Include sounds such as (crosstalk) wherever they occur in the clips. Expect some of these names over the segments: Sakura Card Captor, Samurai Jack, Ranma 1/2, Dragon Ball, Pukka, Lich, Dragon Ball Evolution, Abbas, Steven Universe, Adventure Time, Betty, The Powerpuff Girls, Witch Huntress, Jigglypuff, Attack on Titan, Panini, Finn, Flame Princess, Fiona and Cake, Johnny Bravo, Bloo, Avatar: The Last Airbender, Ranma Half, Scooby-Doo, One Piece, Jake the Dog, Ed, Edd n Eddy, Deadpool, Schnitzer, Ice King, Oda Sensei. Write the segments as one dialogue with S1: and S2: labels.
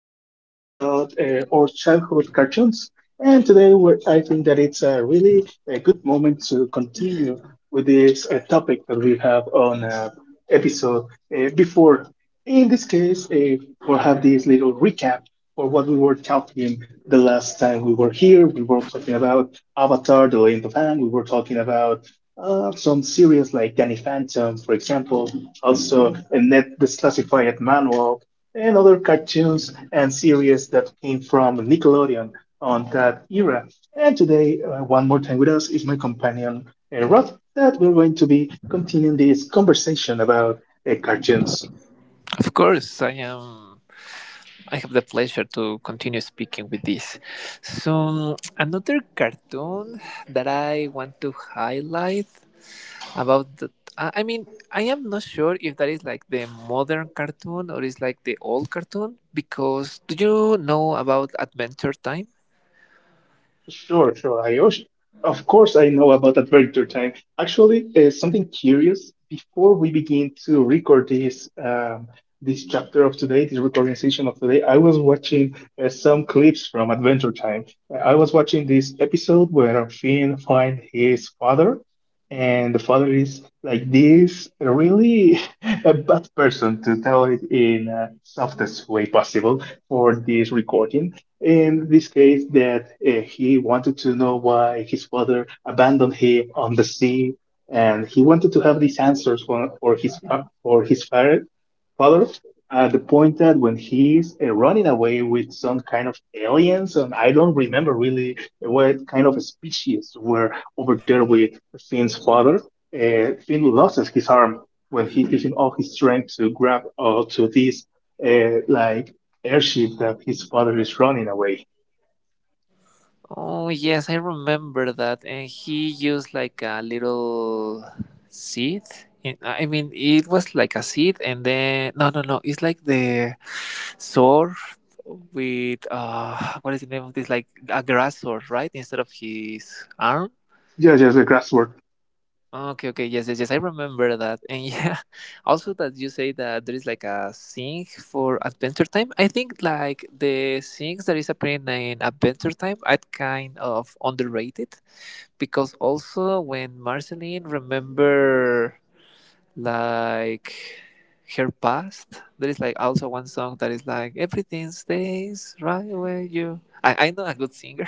S1: were talking about our childhood cartoons, and today we're, I think that it's a really a good moment to continue with this topic that we have on episode before. In this case, we'll have this little recap for what we were talking the last time we were here. We were talking about Avatar: The Land of Aang. We were talking about some series like Danny Phantom, for example, also in Net classified Manual, and other cartoons and series that came from Nickelodeon on that era. And today, one more time with us is my companion, Rod, that we're going to be continuing this conversation about cartoons.
S2: Of course, I am. I have the pleasure to continue speaking with this. So, another cartoon that I want to highlight about the. I mean, I am not sure if that is like the modern cartoon or is like the old cartoon because do you know about Adventure Time?
S1: Sure, sure, Ayush. Of course, I know about Adventure Time. Actually, something curious before we begin to record this this chapter of today, this recording session of today, I was watching some clips from Adventure Time. I was watching this episode where Finn finds his father, and the father is like this really (laughs) a bad person to tell it in softest way possible for this recording in this case, that he wanted to know why his father abandoned him on the sea, and he wanted to have these answers father at the point that when he's running away with some kind of aliens, and I don't remember really what kind of species were over there with Finn's father, Finn loses his arm when he's using all his strength to grab to this like airship that his father is running away.
S2: Oh, yes, I remember that. And he used like a little seed. I mean, it was like a seed, and then no, no, no. It's like the sword with what is the name of this? Like a grass sword, right? Instead of his arm.
S1: Yeah, just the grass work.
S2: Okay, okay, yes, yes, yes. I remember that. And yeah, (laughs) also that you say that there is like a thing for Adventure Time. I think like the things that is appearing in Adventure Time are kind of underrated because also when Marceline remember like her past, there is like also one song that is like everything stays right where you. I know a good singer,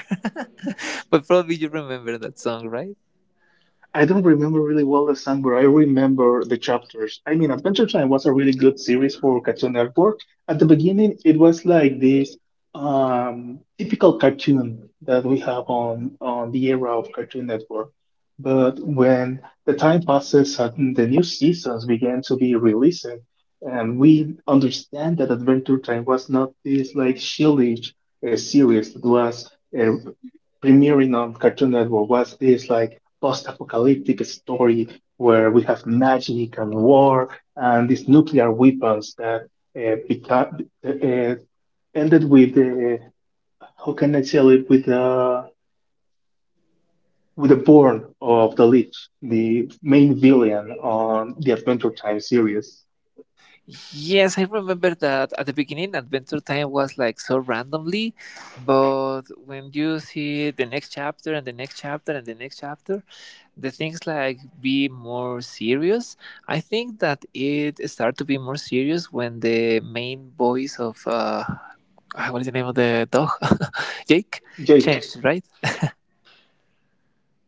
S2: (laughs) but probably you remember that song, right?
S1: I don't remember really well the song, but I remember the chapters. I mean, Adventure Time was a really good series for Cartoon Network. At the beginning, it was like this typical cartoon that we have on the era of Cartoon Network. But when the time passes and the new seasons began to be released, and we understand that Adventure Time was not this like shieldish series. It was uh, premiering on Cartoon Network was this like post-apocalyptic story where we have magic and war and these nuclear weapons that uh, beca- uh, ended with the how can I tell it with the born of the Lich, the main villain on the Adventure Time series.
S2: Yes, I remember that at the beginning, Adventure Time was like so randomly, but when you see the next chapter and the next chapter and the next chapter, the things like be more serious. I think that it started to be more serious when the main voice of what is the name of the dog? (laughs) Jake
S1: Jake,
S2: changed, right?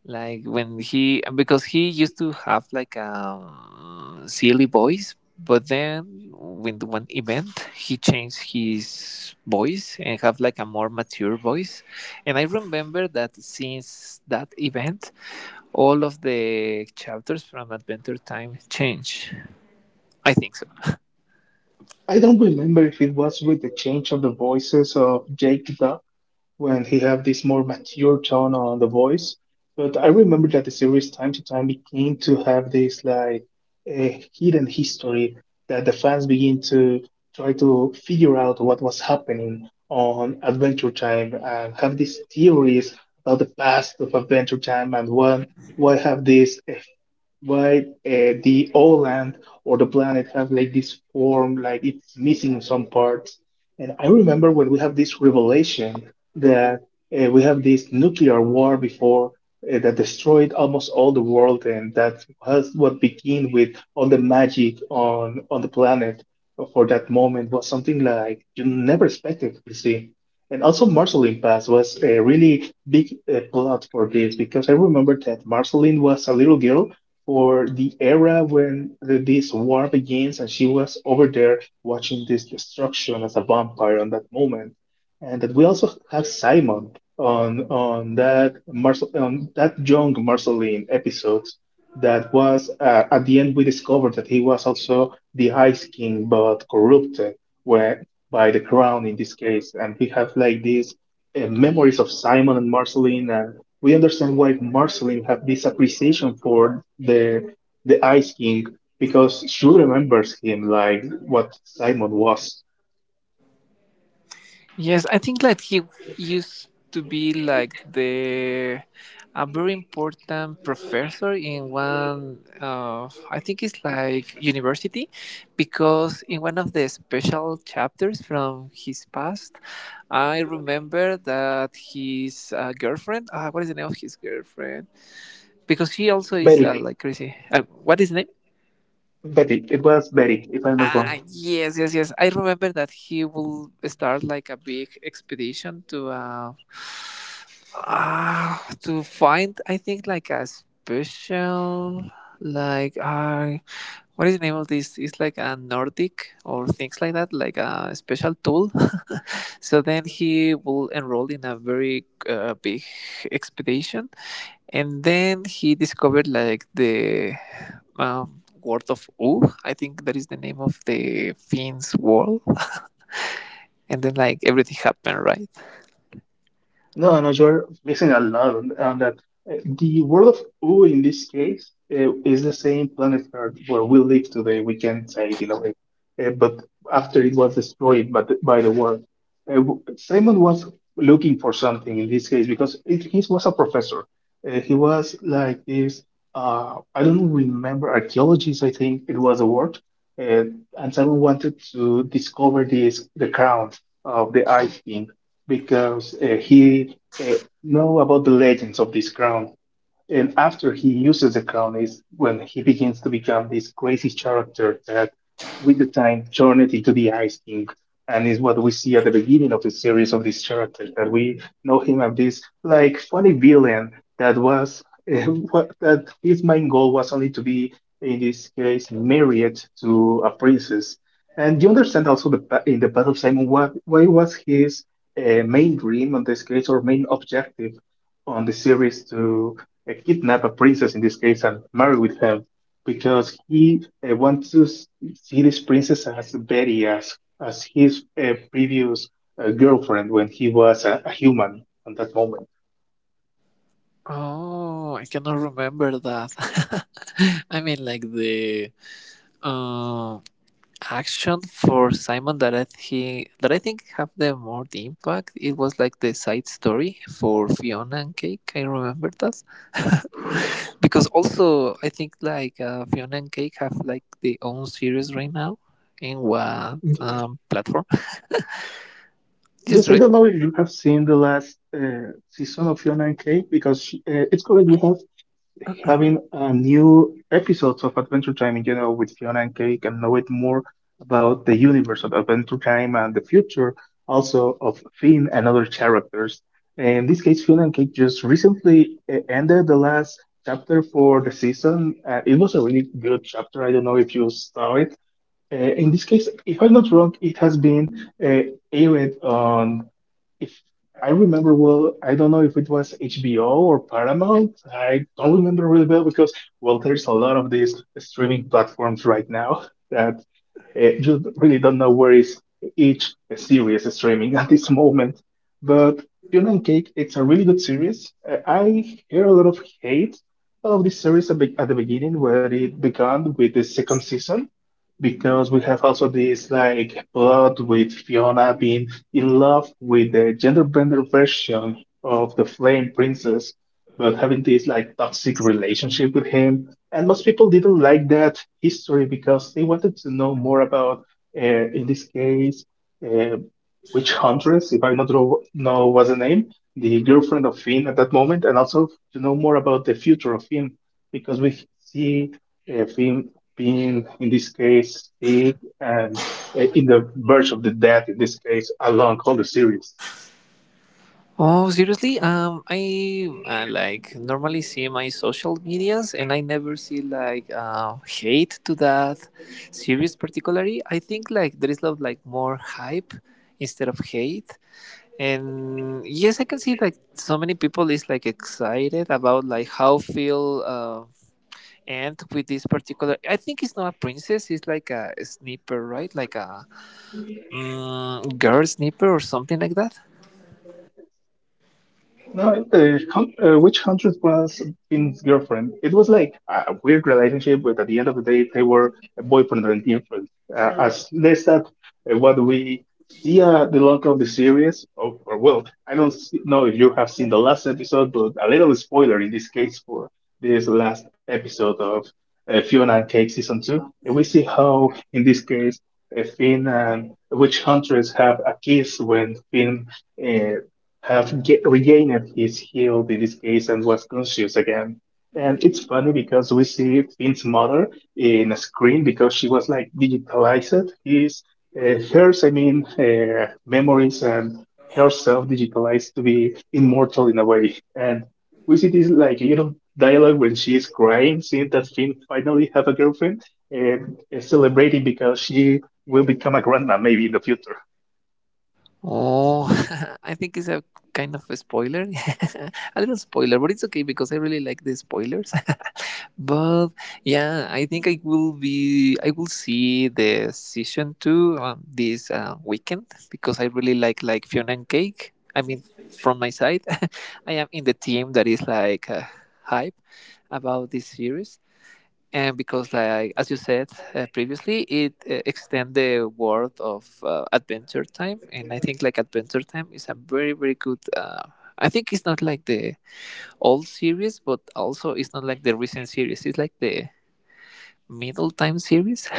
S2: Like when he, because he used to have like a silly voice, but then with one event he changed his voice and have like a more mature voice, and I remember that since that event all of the chapters from Adventure Time change. I think so.
S1: I don't remember if it was with the change of the voices of Jake Duff when he have this more mature tone on the voice. But I remember that the series time to time began to have this like a hidden history that the fans begin to try to figure out what was happening on Adventure Time and have these theories about the past of Adventure Time and why have this eh, why the land or the planet have like this form like it's missing some parts. And I remember when we have this revelation that we have this nuclear war before that destroyed almost all the world, and that was what began with all the magic on the planet. For that moment was something like you never expected to see. And also, Marceline Pass was a really big plot for this because I remember that Marceline was a little girl for the era when this war begins, and she was over there watching this destruction as a vampire on that moment and that we also have Simon on that young Marceline episode. That was at the end we discovered that he was also the Ice King, but corrupted where, by the crown in this case, and we have like these memories of Simon and Marceline, and we understand why Marceline have this appreciation for the Ice King because she remembers him like what Simon was
S2: Yes, I think like he used to be like the a very important professor in one of, I think it's like university, because in one of the special chapters from his past I remember that his girlfriend, what is the name of his girlfriend, because she also is,
S1: very
S2: like crazy, what is the name?
S1: Betty. It was Betty, if I'm not wrong.
S2: Ah, yes, yes, yes. I remember that he will start like a big expedition uh to find, I think, like a special like what is the name of this? It's like a Nordic or things like that, like a special tool. (laughs) So then he will enroll in a very big expedition, and then he discovered like the word of U. I think that is the name of the Finn's world. (laughs) And then like everything happened, right?
S1: No, no, you're missing a lot on that. The world of U in this case is the same planet Earth where we live today. We can say it in a way, but after it was destroyed by the war, Simon was looking for something in this case because it, he was a professor. He was like this. I don't remember archaeologist. I think it was a word, uh, and Simon wanted to discover this the crown of the Ice King because he know about the legends of this ground. And after he uses the crown is when he begins to become this crazy character that with the time turned into the Ice King. And is what we see at the beginning of the series of this character that we know him as this like funny villain that was (laughs) that his main goal was only to be in this case married to a princess. And you understand also in the Path of Simon what why was his main dream on this case or main objective on the series to kidnap a princess in this case and marry with him because he uh, wants to s- see this princess as Betty, as his previous girlfriend when he was a human at that moment.
S2: Oh, I cannot remember that. (laughs) I mean, like the uh, action for Simon that I he that I think have the more the impact. It was like the side story for Fiona and Cake. I remember that (laughs) because also I think like Fiona and Cake have like their own series right now, in what
S1: Y-
S2: platform? Just
S1: Yes, I don't know if you have seen the last season of Fiona and Cake because she, it's correct. We have having new episodes of Adventure Time in general with Fiona and Cake and know it more about the universe of Adventure Time and the future also of Finn and other characters. In this case, Fiona and Cake just recently ended the last chapter for the season. It was a really good chapter. I don't know if you saw it. In this case, if I'm not wrong, it has been uh, aired on if I remember well, I don't know if it was HBO or Paramount. I don't remember really well because, well, there's a lot of these streaming platforms right now (laughs) that just really don't know where is each series streaming (laughs) at this moment. But Fiona and Cake, it's a really good series. I hear a lot of hate of this series a at the beginning where it began with the second season because we have also this like plot with Fiona being in love with the gender bender version of the Flame Princess, but having this like toxic relationship with him. And most people didn't like that history because they wanted to know more about, uh, in this case, uh, Witch Huntress, if I not ro- know was the name, the girlfriend of Finn at that moment, and also to know more about the future of Finn because we see Finn being in this case sick and in the verge of the death in this case along all the series.
S2: Oh, seriously? I, like normally see my social medias, and I never see like hate to that series particularly. I think like there is a lot like more hype instead of hate. And yes, I can see like so many people is like excited about like how feel end with this particular. I think it's not a princess. It's like a sniper, right? Like a girl sniper or something like that.
S1: No, which hundred was Finn's girlfriend? It was like a weird relationship, but at the end of the day, they were a boyfriend and girlfriend. As less that what we see the long of the series, or well, I don't know if you have seen the last episode, but a little spoiler in this case for this last episode of Fiona and Cake season 2. And we see how, in this case, Finn and witch hunters have a kiss when Finn uh, regained his health in this case and was conscious again. And it's funny because we see Finn's mother in a screen because she was like digitalized. Hers, I mean, memories and herself digitalized to be immortal in a way. And we see this like, you know, dialogue when she is crying, seeing that Finn finally have a girlfriend and celebrating because she will become a grandma maybe in the future.
S2: Oh, (laughs) I think it's a kind of a spoiler, (laughs) a little spoiler, but it's okay because I really like the spoilers. (laughs) But yeah, I think I will see the season two this weekend because I really like Fiona and Cake. I mean, from my side, (laughs) I am in the team that is like hype about this series, and because, like as you said previously, it extend the world of Adventure Time. And I think like Adventure Time is a very, very good, I think it's not like the old series, but also it's not like the recent series, it's like the middle time series.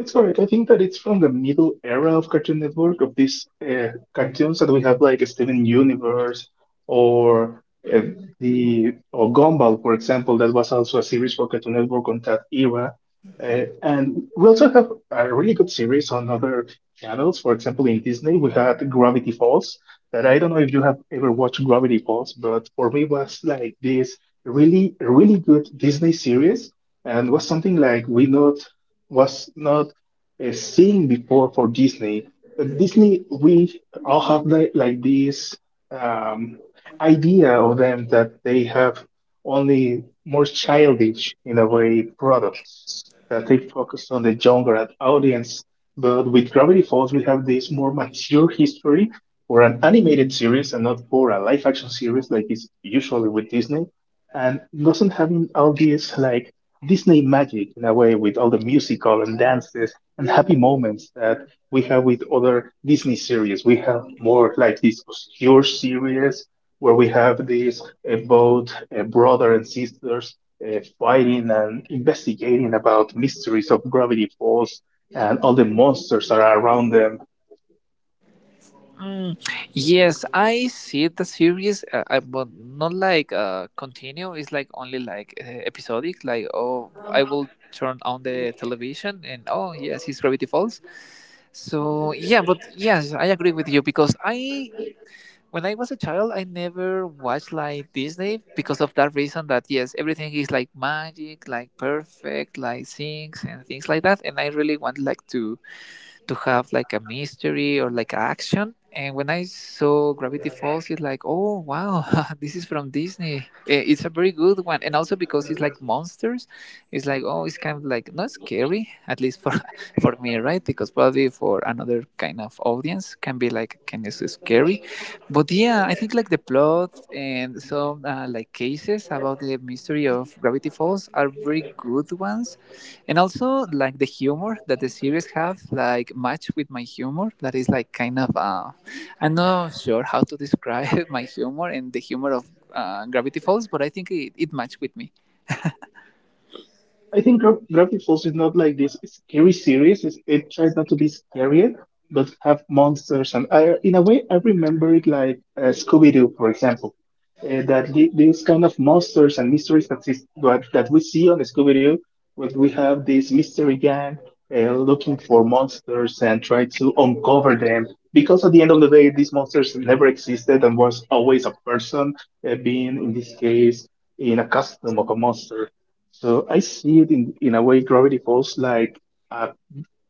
S1: It's correct. I think that it's from the middle era of Cartoon Network of these cartoons that we have, like Steven Universe or uh, the or Gumball, for example. That was also a series for Cartoon Network on that era. And we also have a really good series on other channels. For example, in Disney, we had Gravity Falls. That I don't know if you have ever watched Gravity Falls, but for me was like this really, really good Disney series and was something like we not was not seen before for Disney. But Disney, we all have the, like this um, idea of them that they have only more childish in a way products that they focus on the younger audience. But with Gravity Falls, we have this more mature history for an animated series and not for a live action series like is usually with Disney, and doesn't having all these like Disney magic in a way with all the musical and dances and happy moments that we have with other Disney series. We have more like this obscure series where we have these both brother and sisters fighting and investigating about mysteries of Gravity Falls and all the monsters that are around them.
S2: Mm, yes, I see the series, I, but not like continue. It's like only like episodic. Like oh, I will turn on the television and oh yes, it's Gravity Falls. So yeah, but yes, I agree with you because I when I was a child, I never watched like Disney because of that reason that yes, everything is like magic, like perfect, like things and things like that, and I really want like to have like a mystery or like action. And when I saw Gravity Falls, it's like, oh wow, (laughs) this is from Disney. Eh, it's a very good one, and also because it's like monsters, it's like oh, it's kind of like not scary, at least for (laughs) for me, right? Because probably for another kind of audience can be like kind of scary. But yeah, I think like the plot and some like cases about the mystery of Gravity Falls are very good ones, and also like the humor that the series have like match with my humor, that is like kind of I'm not sure how to describe (laughs) my humor and the humor of Gravity Falls, but I think it matched with me.
S1: I think Gravity Falls is not like this scary series. It tries not to be scary, but have monsters. And I, in a way, I remember it like Scooby Doo, for example. That these kind of monsters and mysteries that we see on Scooby Doo, when we have this mystery gang looking for monsters and try to uncover them. Because at the end of the day, these monsters never existed and was always a person being, in this case, in a costume of a monster. So I see it in a way, Gravity Falls like a,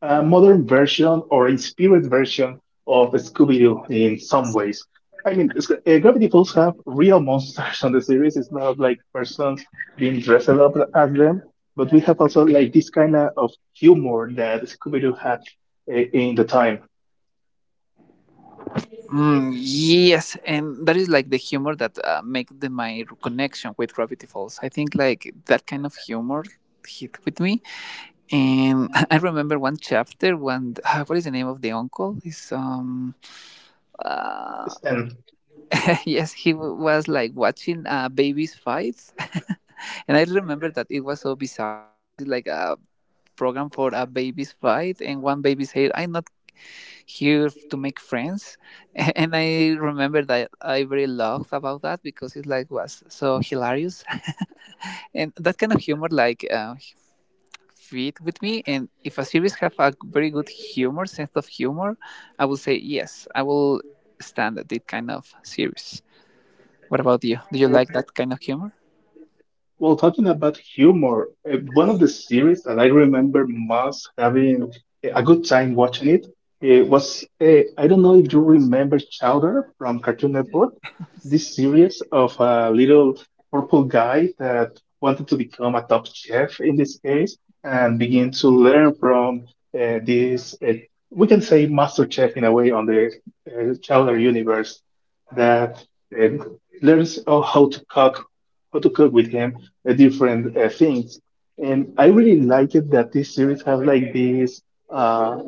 S1: a modern version or inspired version of Scooby-Doo in some ways. I mean, Gravity Falls have real monsters (laughs) on the series. It's not like persons being dressed up as them, but we have also like this kind of humor that Scooby-Doo had in the time.
S2: yes, and that is like the humor that make the my connection with Gravity Falls. I think like that kind of humor hit with me, and (laughs) I remember one chapter when what is the name of the uncle is uh,
S1: Stan.
S2: (laughs) yes, was like watching babies fight. (laughs) And I remember that it was so bizarre because it's like a program for a baby's fight, and one baby said, "I'm not here to make friends," (laughs) and I remember that I really laughed about that because it like was so hilarious, (laughs) and that kind of humor like fit with me. And if a series have a very good humor, sense of humor, I will say yes, I will stand at that kind of series. What about you? Do you like that kind of humor?
S1: Well, talking about humor, one of the series that I remember most having a good time watching it, was I don't know if you remember Chowder from Cartoon Network, this series of a little purple guy that wanted to become a top chef in this case and begin to learn from this we can say master chef in a way on the Chowder universe that uh, learns how to cook with him different things. And I really like it that this series has like this uh,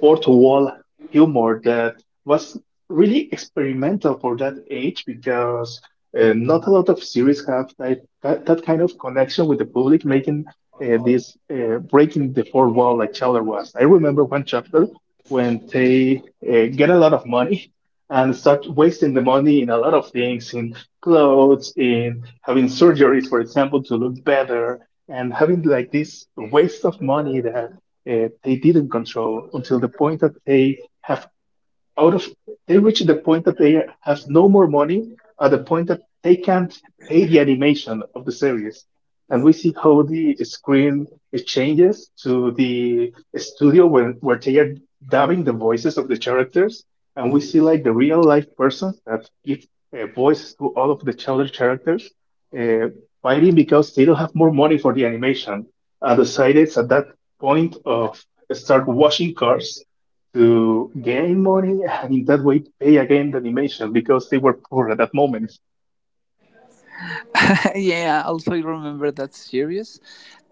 S1: fourth wall humor that was really experimental for that age because not a lot of series have that kind of connection with the public, making this breaking the fourth wall like Chowder was. I remember one chapter when they get a lot of money and start wasting the money in a lot of things, in clothes, in having surgeries, for example, to look better, and having like this waste of money that they didn't control until the point that they have out of they reach the point that they have no more money at the point that they can't pay the animation of the series, and we see how the screen it changes to the studio when where they are dubbing the voices of the characters, and we see like the real life person that give voice to all of the other characters uh, fighting because they don't have more money for the animation, and decided at that point of start washing cars to gain money (laughs) and in that way pay again the animation because they were poor at that moment.
S2: (laughs) Yeah, I also remember that series.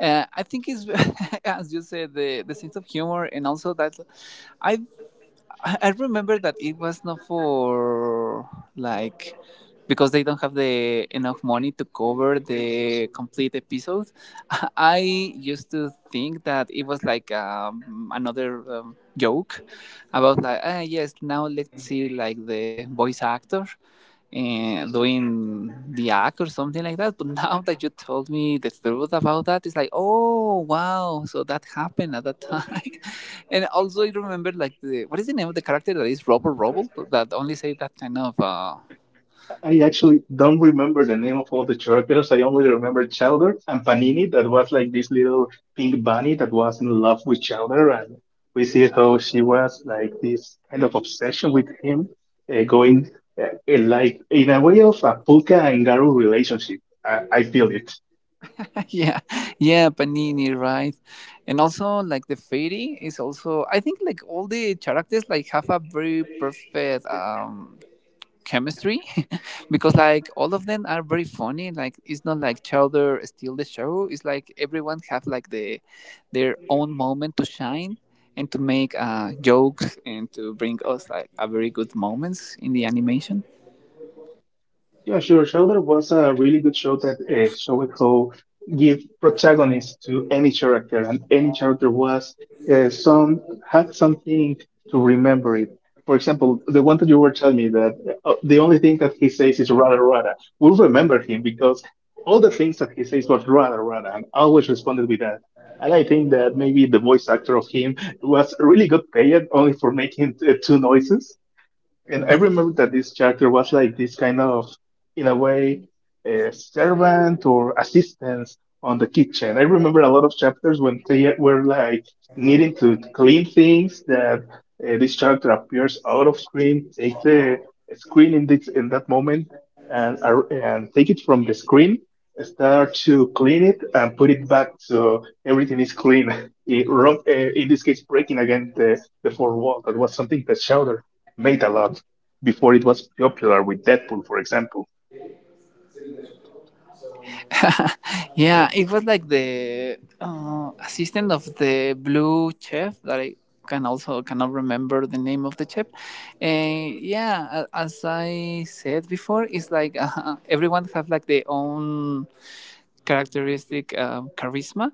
S2: I think it's (laughs) as you said, the sense of humor, and also that I I remember that it was not for like because they don't have the enough money to cover the complete episode. (laughs) I used to think that it was like another joke about like ah yes now let's see like the voice actor and doing the act or something like that. But now that you told me the truth about that, it's like, oh wow, so that happened at that time. (laughs) And also, I remember like the what is the name of the character that is Robo Robo that only say that kind of
S1: I actually don't remember the name of all the characters. I only remember Chowder and Panini, that was like this little pink bunny that was in love with Chowder. And we see how she was like this kind of obsession with him, going in, like in a way of a Puka and Garu relationship. I feel it.
S2: (laughs) yeah, yeah, Panini, right? And also like the fairy is also, I think, like all the characters like have a very perfect chemistry, (laughs) because like all of them are very funny, like it's not like Chowder steal the show, it's like everyone have like the their own moment to shine and to make jokes and to bring us like a very good moments in the animation.
S1: Yeah, sure. Shoulder was a really good show that showed how give protagonist to any character, and any character was some had something to remember it. For example, the one that you were telling me that the only thing that he says is "rada rada." We'll remember him because all the things that he says was "rada rada," and always responded with that. And I think that maybe the voice actor of him was really good paid only for making two noises. And I remember that this character was like this kind of, in a way, a servant or assistance on the kitchen. I remember a lot of chapters when they were like needing to clean things that this character appears out of screen, take the screen in this in that moment and and take it from the screen, start to clean it and put it back so everything is clean. (laughs) It, wrong, in this case, breaking again the fourth wall. That was something that showed made a lot before it was popular with Deadpool, for example.
S2: (laughs) Yeah, it was like the assistant of the blue chef that I can also cannot remember the name of the chef. And yeah, a- as I said before, it's like (laughs) everyone have like their own characteristic, charisma,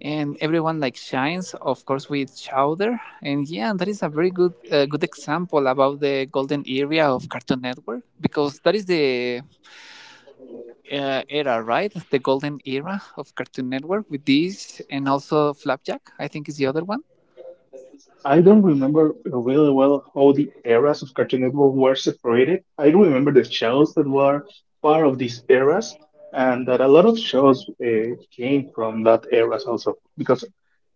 S2: and everyone like shines, of course, with Chowder. And yeah, that is a very good good example about the golden area of Cartoon Network because that is the era, right? The golden era of Cartoon Network with these, and also Flapjack, I think, is the other one.
S1: I don't remember really well how the eras of Cartoon Network were separated. I remember the shows that were part of these eras, and that a lot of shows came from that eras also. Because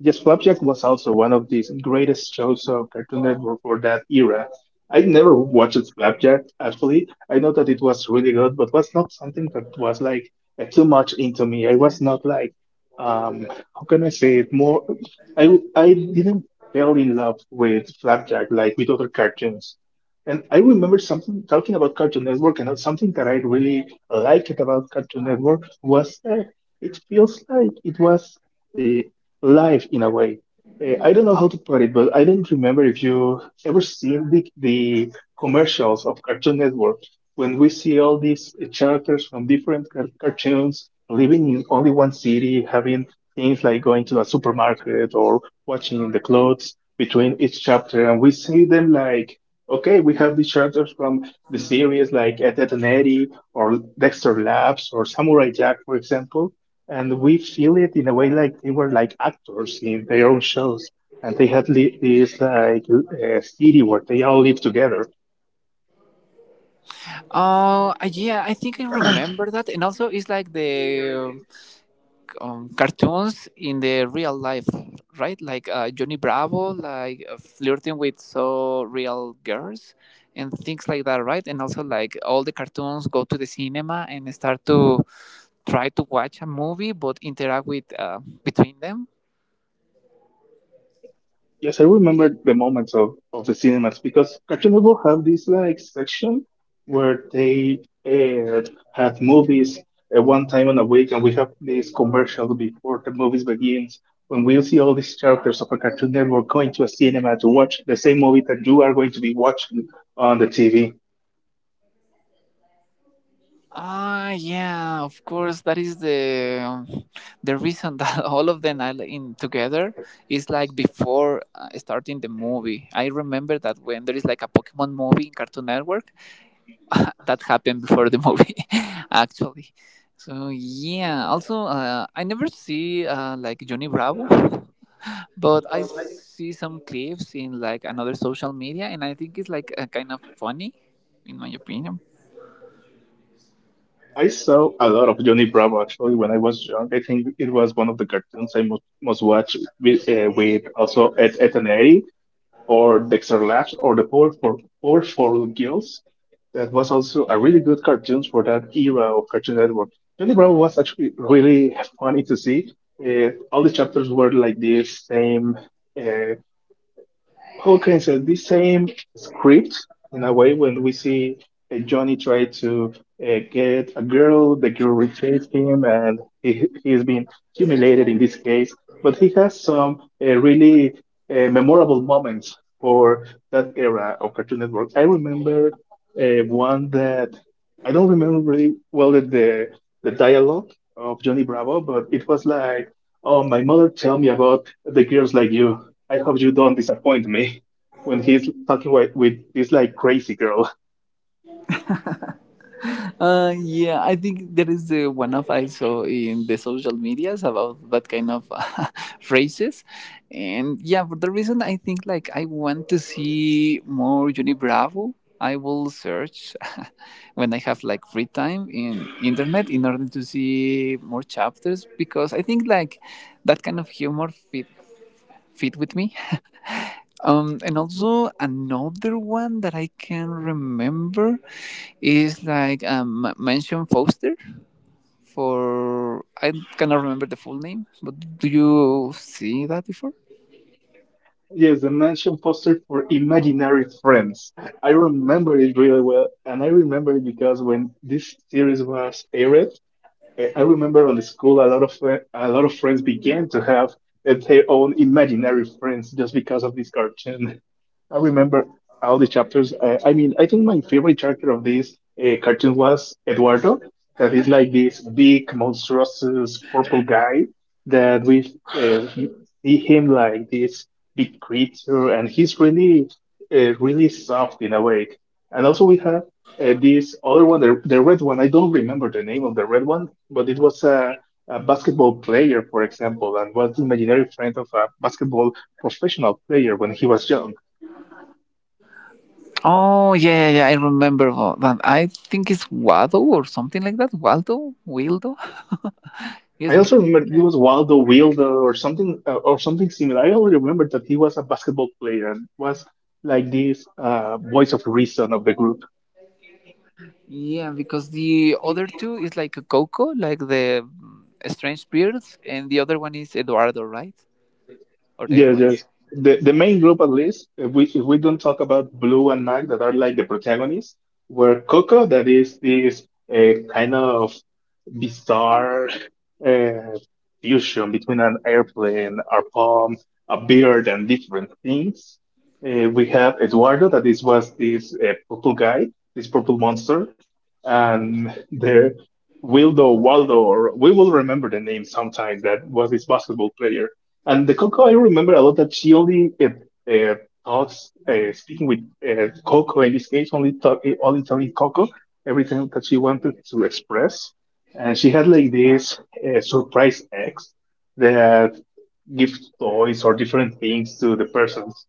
S1: yes, Flapjack was also one of these greatest shows of Cartoon Network for that era. I never watched Flapjack actually. I know that it was really good, but was not something that was like too much into me. I was not like um how can I say it more I didn't fell in love with Flapjack, like with other cartoons. And I remember something talking about Cartoon Network, and something that I really liked about Cartoon Network was that it feels like it was uh, live in a way. I don't know how to put it, but I don't remember if you ever seen the commercials of Cartoon Network when we see all these characters from different cartoons living in only one city, having things like going to a supermarket or watching the clothes between each chapter, and we see them like, okay, we have these chapters from the series like Ed, Edd, and Eddy or Dexter Labs or Samurai Jack, for example, and we feel it in a way like they were like actors in their own shows, and they had this like city where they all live together.
S2: Oh, yeah, I think I remember that. And also, it's like the cartoons in the real life, right? Like Johnny Bravo, like flirting with so real girls and things like that, right? And also, like all the cartoons go to the cinema and start to try to watch a movie but interact with between them.
S1: Yes, I remember the moments of the cinemas because Cartoon Network have this like section where they aired had movies at one time in a week, and we have these commercials before the movies begins. When we see all these characters of a Cartoon Network going to a cinema to watch the same movie that you are going to be watching on the TV.
S2: Ah, yeah, of course. That is the reason that (laughs) all of them are in together is like before starting the movie. I remember that when there is like a Pokemon movie in Cartoon Network, (laughs) that happened before the movie, (laughs) actually. So yeah. Also, I never see like Johnny Bravo, (laughs) but I see some clips in like another social media, and I think it's like kind of funny, in my opinion.
S1: I saw a lot of Johnny Bravo actually when I was young. I think it was one of the cartoons I most, most watched with also Ed, Ed and Eddy or Dexter Labs or the Power for Girls. That was also a really good cartoons for that era of Cartoon Network. Charlie Brown was actually really funny to see. All the chapters were like this same. uh, Okay, say the same script in a way when we see Johnny try to get a girl, the girl rejects him, and he's been humiliated in this case. But he has some really memorable moments for that era of Cartoon Network. I remember one that I don't remember really well the dialogue of Johnny Bravo, but it was like, "Oh, my mother tell me about the girls like you. I hope you don't disappoint me," when he's talking with this like crazy girl.
S2: Yeah, I think there is the one of I saw in the social medias about that kind of (laughs) phrases, and yeah, for the reason I think like I want to see more Johnny Bravo. I will search (laughs) when I have like free time in internet in order to see more chapters because I think like that kind of humor fit with me. (laughs) And also another one that I can remember is like Mansion Foster for I cannot remember the full name, but do you see that before?
S1: Yes, the mansion poster for imaginary friends. I remember it really well, and I remember it because when this series was aired, eh, I remember on the school a lot of a lot of friends began to have their own imaginary friends just because of this cartoon. I remember all the chapters. I mean, I think my favorite character of this cartoon was Eduardo. That is like this big, monstrous purple guy that we see him like this big creature, and he's really, really soft in a way. And also we have this other one, the red one. I don't remember the name of the red one, but it was a basketball player, for example, and was the imaginary friend of a basketball professional player when he was young.
S2: Oh yeah, yeah, yeah, I remember that. I think it's Wado or something like that. Waldo, Wildo.
S1: I
S2: Yes,
S1: also remember he was Waldo Wilder or something similar. I only remember that he was a basketball player and was like this voice of reason of the group.
S2: yeah, because the other two is like Coco, like the strange beard, and the other one is Eduardo, right? Or
S1: Yes, yes.
S2: Edwards?
S1: The main group at least, if we don't talk about Blue and Mac that are like the protagonists, were Coco that is this kind of bizarre uh, fusion between an airplane, a palm, a beard, and different things. We have Eduardo that is was this purple guy, this purple monster, and the Wildo Waldo, or we will remember the name sometimes. That was this basketball player, and the Coco, I remember a lot that she only talks, speaking with Coco in this case, only talk, only telling Coco everything that she wanted to express. And she had like this surprise ex that gives toys or different things to the persons.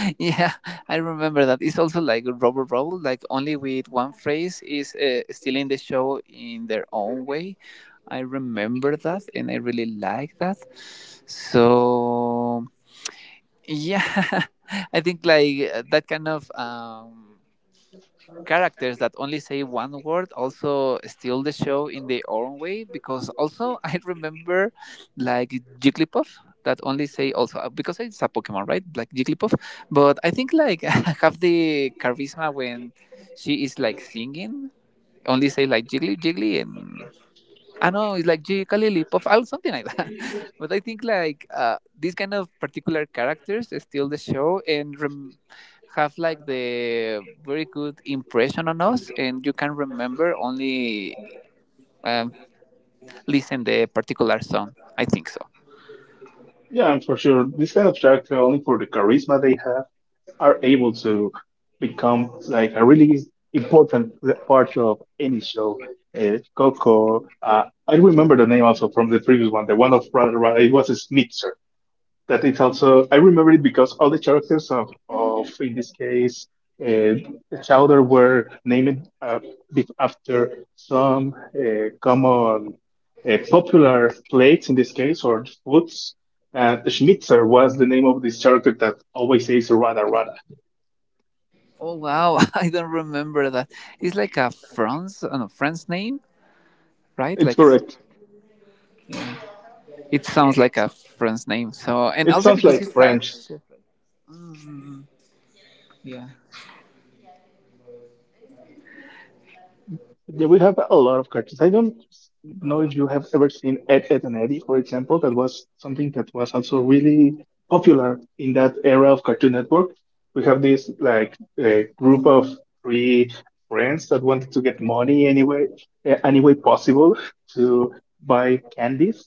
S2: (laughs) Yeah, I remember that. It's also like Rubber Rebel, like only with one phrase is stealing the show in their own way. I remember that, and I really like that. So yeah, (laughs) I think like that kind of characters that only say one word also steal the show in their own way because also (laughs) I remember like Jigglypuff that only say also because it's a Pokemon right like Jigglypuff but I think like (laughs) have the charisma when she is like singing only say like jiggly jiggly and I know it's like gee, Kalili, puff something like that. (laughs) But I think like these kind of particular characters steal the show and have like the very good impression on us, and you can remember only um, listen the particular song. I think so.
S1: Yeah, and for sure, this kind of character only for the charisma they are able to become like a really important part of any show. Coco, I remember the name also from the previous one, the one of Brother Ra- it was Snitzer. That is also, I remember it because all the characters of in this case, uh, Chowder were named bef- after some common popular plates in this case or foods. And Schnitzer was the name of this character that always says Rada Rada.
S2: Oh wow, (laughs) I don't remember that. It's like a France, no, France name, right?
S1: It's
S2: Like
S1: correct.
S2: it sounds like a France name. So and
S1: It
S2: also
S1: sounds
S2: because
S1: like
S2: it's that.
S1: French.
S2: (laughs) Yeah.
S1: Yeah, we have a lot of cartoons. I don't know if you have ever seen Ed, Ed and Eddie, for example. That was something that was also really popular in that era of Cartoon Network. We have this like a group of three friends that wanted to get money anyway, eh, any way possible to buy candies.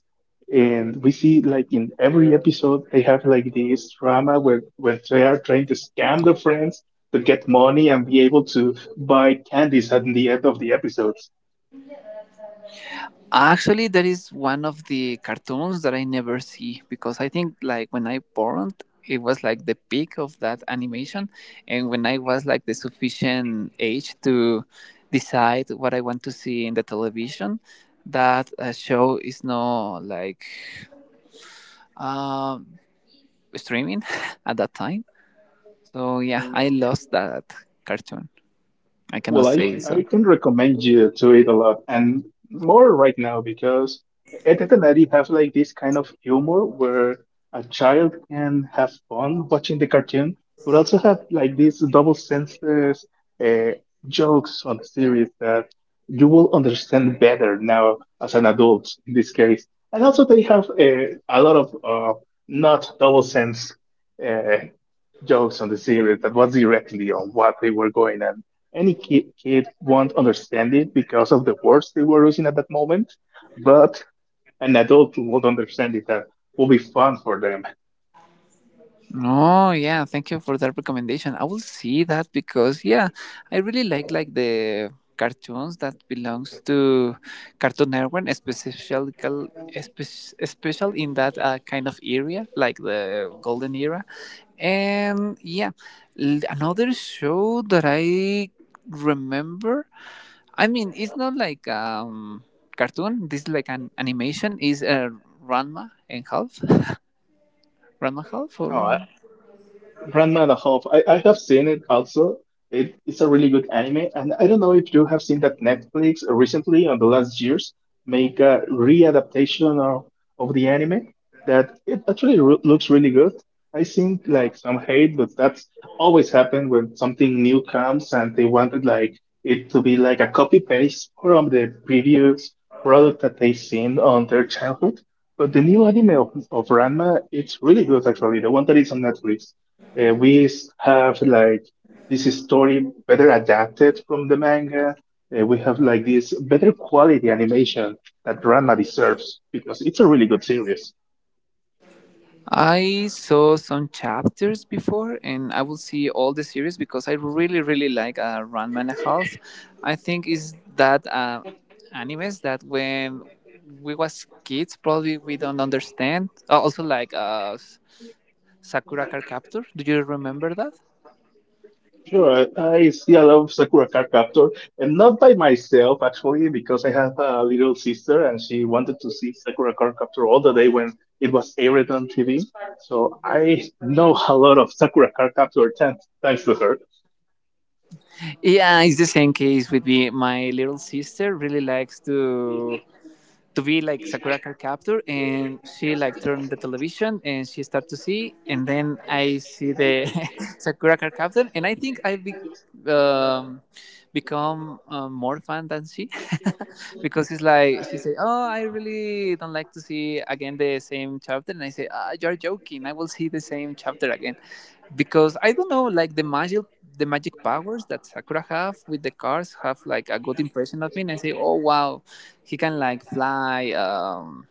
S1: And we see like in every episode they have like this drama where when they are trying to scam their friends to get money and be able to buy candies at the end of the episodes.
S2: Actually, that is one of the cartoons that I never see because I think like when I born, it was like the peak of that animation, and when I was like the sufficient age to decide what I want to see in the television, that show is no like um, streaming (laughs) at that time. So yeah, I lost that cartoon. I cannot
S1: Well, I
S2: say
S1: I
S2: so.
S1: can recommend you to it a lot and more right now because Ed, Ed and Eddy have like this kind of humor where a child can have fun watching the cartoon, but also have like these double senses uh, jokes on the series that you will understand better now as an adult in this case. And also they have a lot of not double sense uh, jokes on the series that was directly on what they were going and any kid won't understand it because of the words they were using at that moment but an adult who would understand it that will be fun for them.
S2: Oh yeah, thank you for that recommendation. I will see that because yeah, I really like the cartoons that belongs to Cartoon Network, especially special in that kind of area, like the golden era. And yeah, another show that I remember. I mean, it's not like cartoon. This is like an animation. Is Ranma and Half? Ranma Half or?
S1: Oh, Ranma the Half. I have seen it also. It's a really good anime, and I don't know if you have seen that Netflix recently on the last years make a readaptation of the anime that it actually re- looks really good. I seen like some hate, but that's always happened when something new comes and they wanted like it to be like a copy paste from the previous product that they seen on their childhood. But the new anime of Ranma, it's really good actually, the one that is on Netflix. We have like this story better adapted from the manga. We have like this better quality animation that Ranma deserves because it's a really good series.
S2: I saw some chapters before, and I will see all the series because I really, really like Ranma and a Half. I think is that animes that when we was kids probably we don't understand. Also like Sakura Card Captor. Do you remember that?
S1: Sure, I see a Sakura Card Captor, and not by myself actually, because I have a little sister and she wanted to see Sakura Card Captor all the day when it was aired on TV. So I know a lot of Sakura Card Captor thanks to her.
S2: Yeah, it's the same case with me. My little sister really likes to. To be like Sakura Card Captor, and she like turned the television and she start to see, and then I see the (laughs) Sakura Card Captor, and I think I um, become more fan than she, (laughs) because it's like she say, "Oh, I really don't like to see again the same chapter," and I say, "Ah, you're joking! I will see the same chapter again," because I don't know, like the magic powers that Sakura have with the cards have like a good impression of me, and I say, "Oh wow." He can like fly. Um,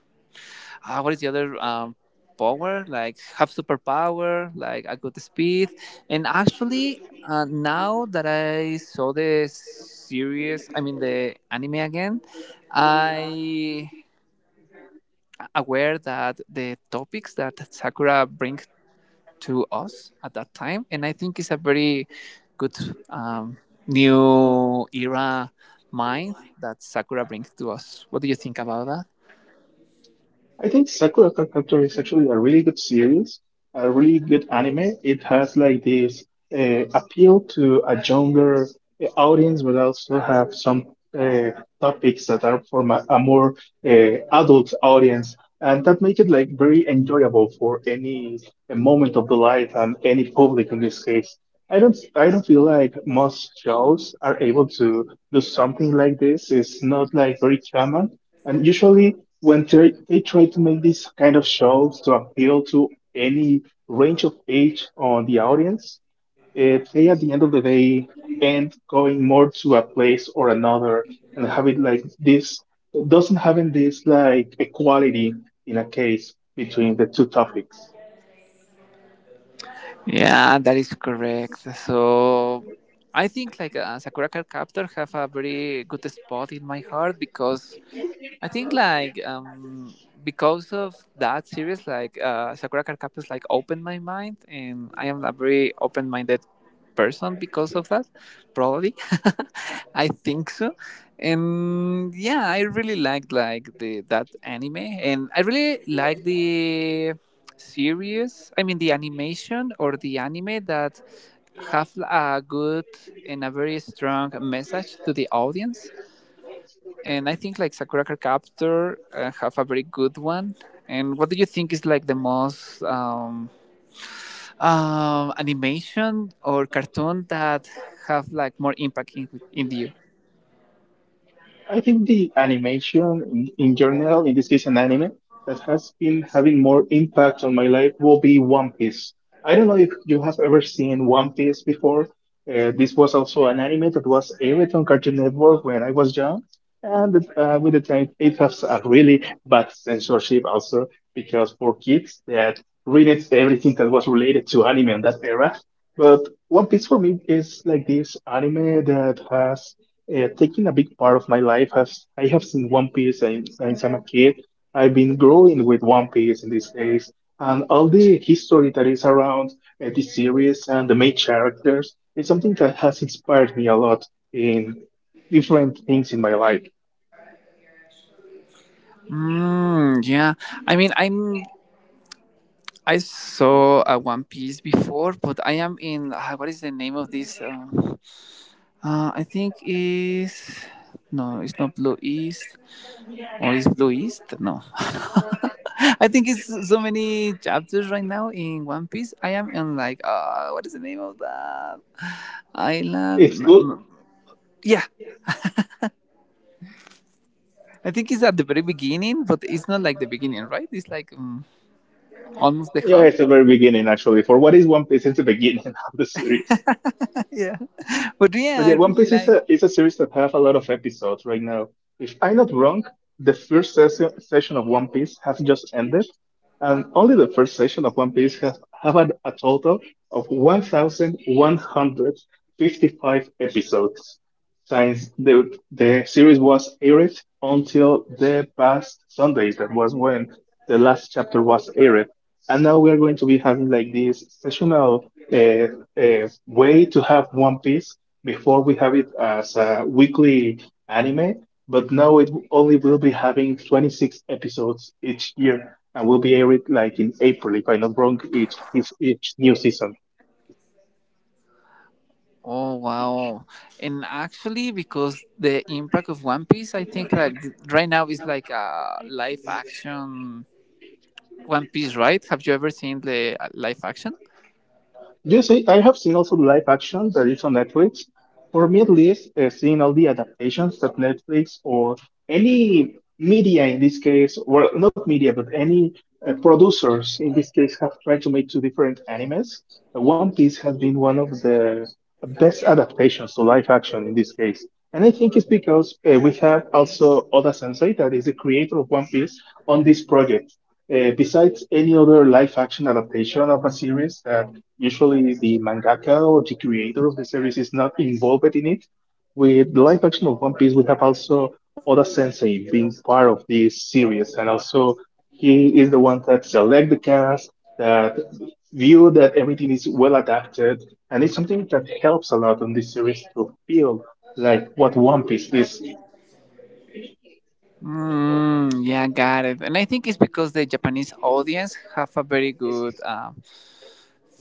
S2: ah, What is the other power? Like have superpower, like a good speed. And actually, now that I saw the series, I mean the anime again, I aware that the topics that Sakura brings to us at that time, and I think it's a very good um, new era mind that Sakura brings to us. What do you think about that?
S1: I think Sakura Card Captor is actually a really good series, a really good anime. It has like this appeal to a younger audience, but also have some uh, topics that are for ma- a more adult audience, and that make it like very enjoyable for any moment of the life and any public in this case. I don't feel like most shows are able to do something like this. It's not like very common, and usually when they try to make these kind of shows to appeal to any range of age on the audience, if they at the end of the day end going more to a place or another and having like this doesn't having this like equality in a case between the two topics.
S2: Yeah, that is correct. So I think like Sakura Card Captor have a very good spot in my heart because I think like because of that series, like Sakura Card Captors, like opened my mind, and I am a very open-minded person because of that. Probably, (laughs) I think so. And yeah, I really liked like the that anime, and I really like the series. I mean, the animation or the anime that have a good and a very strong message to the audience and I think like Sakura Card Captor have a very good one. And what do you think is like the most animation or cartoon that have like more impact in you?
S1: I think the animation in general, in this case an anime, that has been having more impact on my life will be One Piece. I don't know if you have ever seen One Piece before. This was also an anime that was aired on Cartoon Network when I was young. And with the time, it has a really bad censorship also because for kids that read everything that was related to anime in that era. But One Piece for me is like this anime that has taking a big part of my life has I have seen One Piece since I'm a kid. I've been growing with One Piece in these days, and all the history that is around this series and the main characters is something that has inspired me a lot in different things in my life.
S2: Yeah, I mean, I saw One Piece before, but I am in what is the name of this? I think is no, it's not Blue East. Or is Blue East? No. (laughs) I think it's so many chapters right now in One Piece. I am in like, what is the name of that island?
S1: It's good.
S2: Yeah, I think it's at the very beginning, but it's not like the beginning, right? It's like almost the
S1: Yeah,
S2: half.
S1: it's the very beginning actually. For what is One Piece, it's the beginning (laughs) of the series.
S2: (laughs) Yeah, but yeah,
S1: But
S2: I
S1: yeah, One
S2: really
S1: Piece
S2: like.
S1: is a series that have a lot of episodes right now. If I'm not wrong, the first session of One Piece has just ended, and only the first session of One Piece has have had a total of 1,155 episodes since the series was aired until the past Sunday. That was when the last chapter was aired, and now we are going to be having like this sessional way to have One Piece before we have it as a weekly anime, but now it only will be having 26 episodes each year and will be aired like in April, if I'm not wrong, each new season.
S2: Oh wow! And actually, because the impact of One Piece, I think like right now is like a live action One Piece, right? Have you ever seen the live action?
S1: Yes, I have seen also the live action that is on Netflix. For me, at least, seeing all the adaptations that Netflix or any media in this case, well, not media, but any producers in this case have tried to make two different animes. One Piece has been one of the best adaptations to live action in this case. And I think it's because we have also Oda Sensei, that is the creator of One Piece, on this project. Besides any other live action adaptation of a series that usually the mangaka or the creator of the series is not involved in it, with the live action of One Piece, we have also Oda Sensei being part of this series. And also, he is the one that select the cast, that view that everything is well adapted and it's something that helps a lot on this series to feel like what One Piece is.
S2: Yeah, got it. And I think it's because the Japanese audience have a very good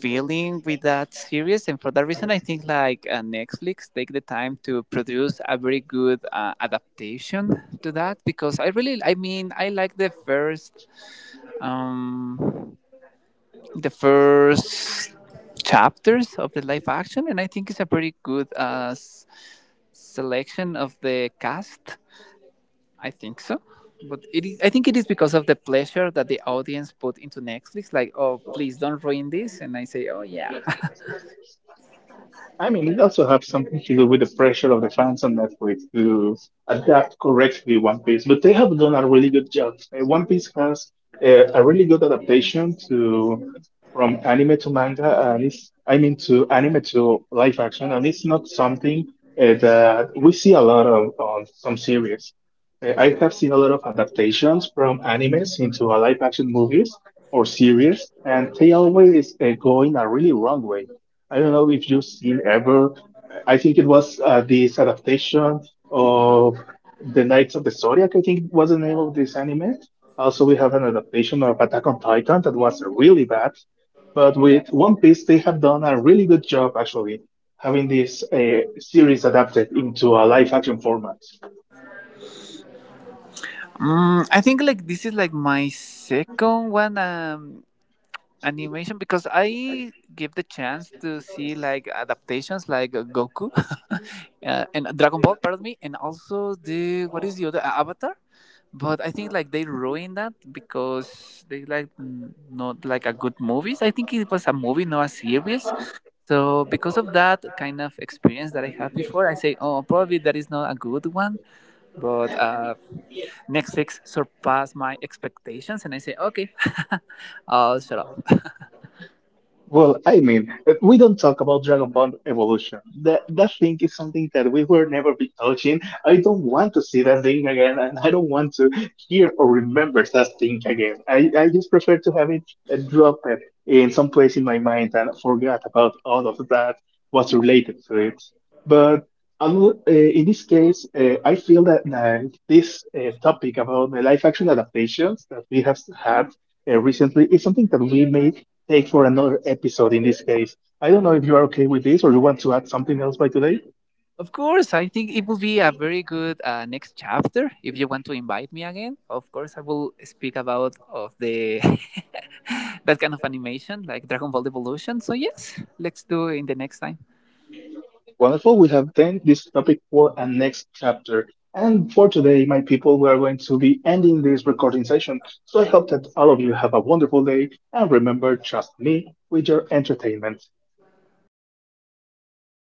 S2: feeling with that series, and for that reason, I think like Netflix take the time to produce a very good adaptation to that because I really, I mean, I like um, the first chapters of the live action, and I think it's a pretty good selection of the cast I think so. But it is, I think it is because of the pleasure that the audience put into Netflix. Like, oh, please don't ruin this. And I say, oh, yeah.
S1: I mean, it also have something to do with the pressure of the fans on Netflix to adapt correctly One Piece. But they have done a really good job. One Piece has a really good adaptation to from anime to manga, and it's I mean to anime to live action, and it's not something that we see a lot of on some series. I have seen a lot of adaptations from animes into a live action movies or series, and they always go in a really wrong way. I don't know if you've seen ever. I think it was this adaptation of The Knights of the Zodiac, I think was the name of this anime. Also, we have an adaptation of Attack on Titan that was really bad. But with One Piece, they have done a really good job actually having this series adapted into a live action format.
S2: (laughs) I think like this is like my second one. Animation because I give the chance to see like adaptations like Goku (laughs) and Dragon Ball, pardon me, and also the what is the other Avatar, but I think like they ruined that because they like not like a good movies. I think it was a movie, not a series. So because of that kind of experience that I had before, I say, oh, probably that is not a good one. But Netflix surpassed my expectations, and I say, okay, (laughs) I'll shut up.
S1: Well, I mean, we don't talk about Dragon Ball Evolution. That thing is something that we will never be touching. I don't want to see that thing again, and I don't want to hear or remember that thing again. I just prefer to have it dropped in some place in my mind and forget about all of that what's related to it. But I will- in this case, I feel that this topic about the live action adaptations that we have had recently is something that we may take for another episode in this case. I don't know if you are okay with this or you want to add something else by today.
S2: Of course, I think it will be a very good next chapter. If you want to invite me again, of course, I will speak about of the (laughs) that kind of animation, like Dragon Ball Evolution. So yes, let's do it in the next time.
S1: Wonderful. We have then this topic for a next chapter. And for today, my people, we are going to be ending this recording session. So I hope that all of you have a wonderful day and remember, trust me with your entertainment.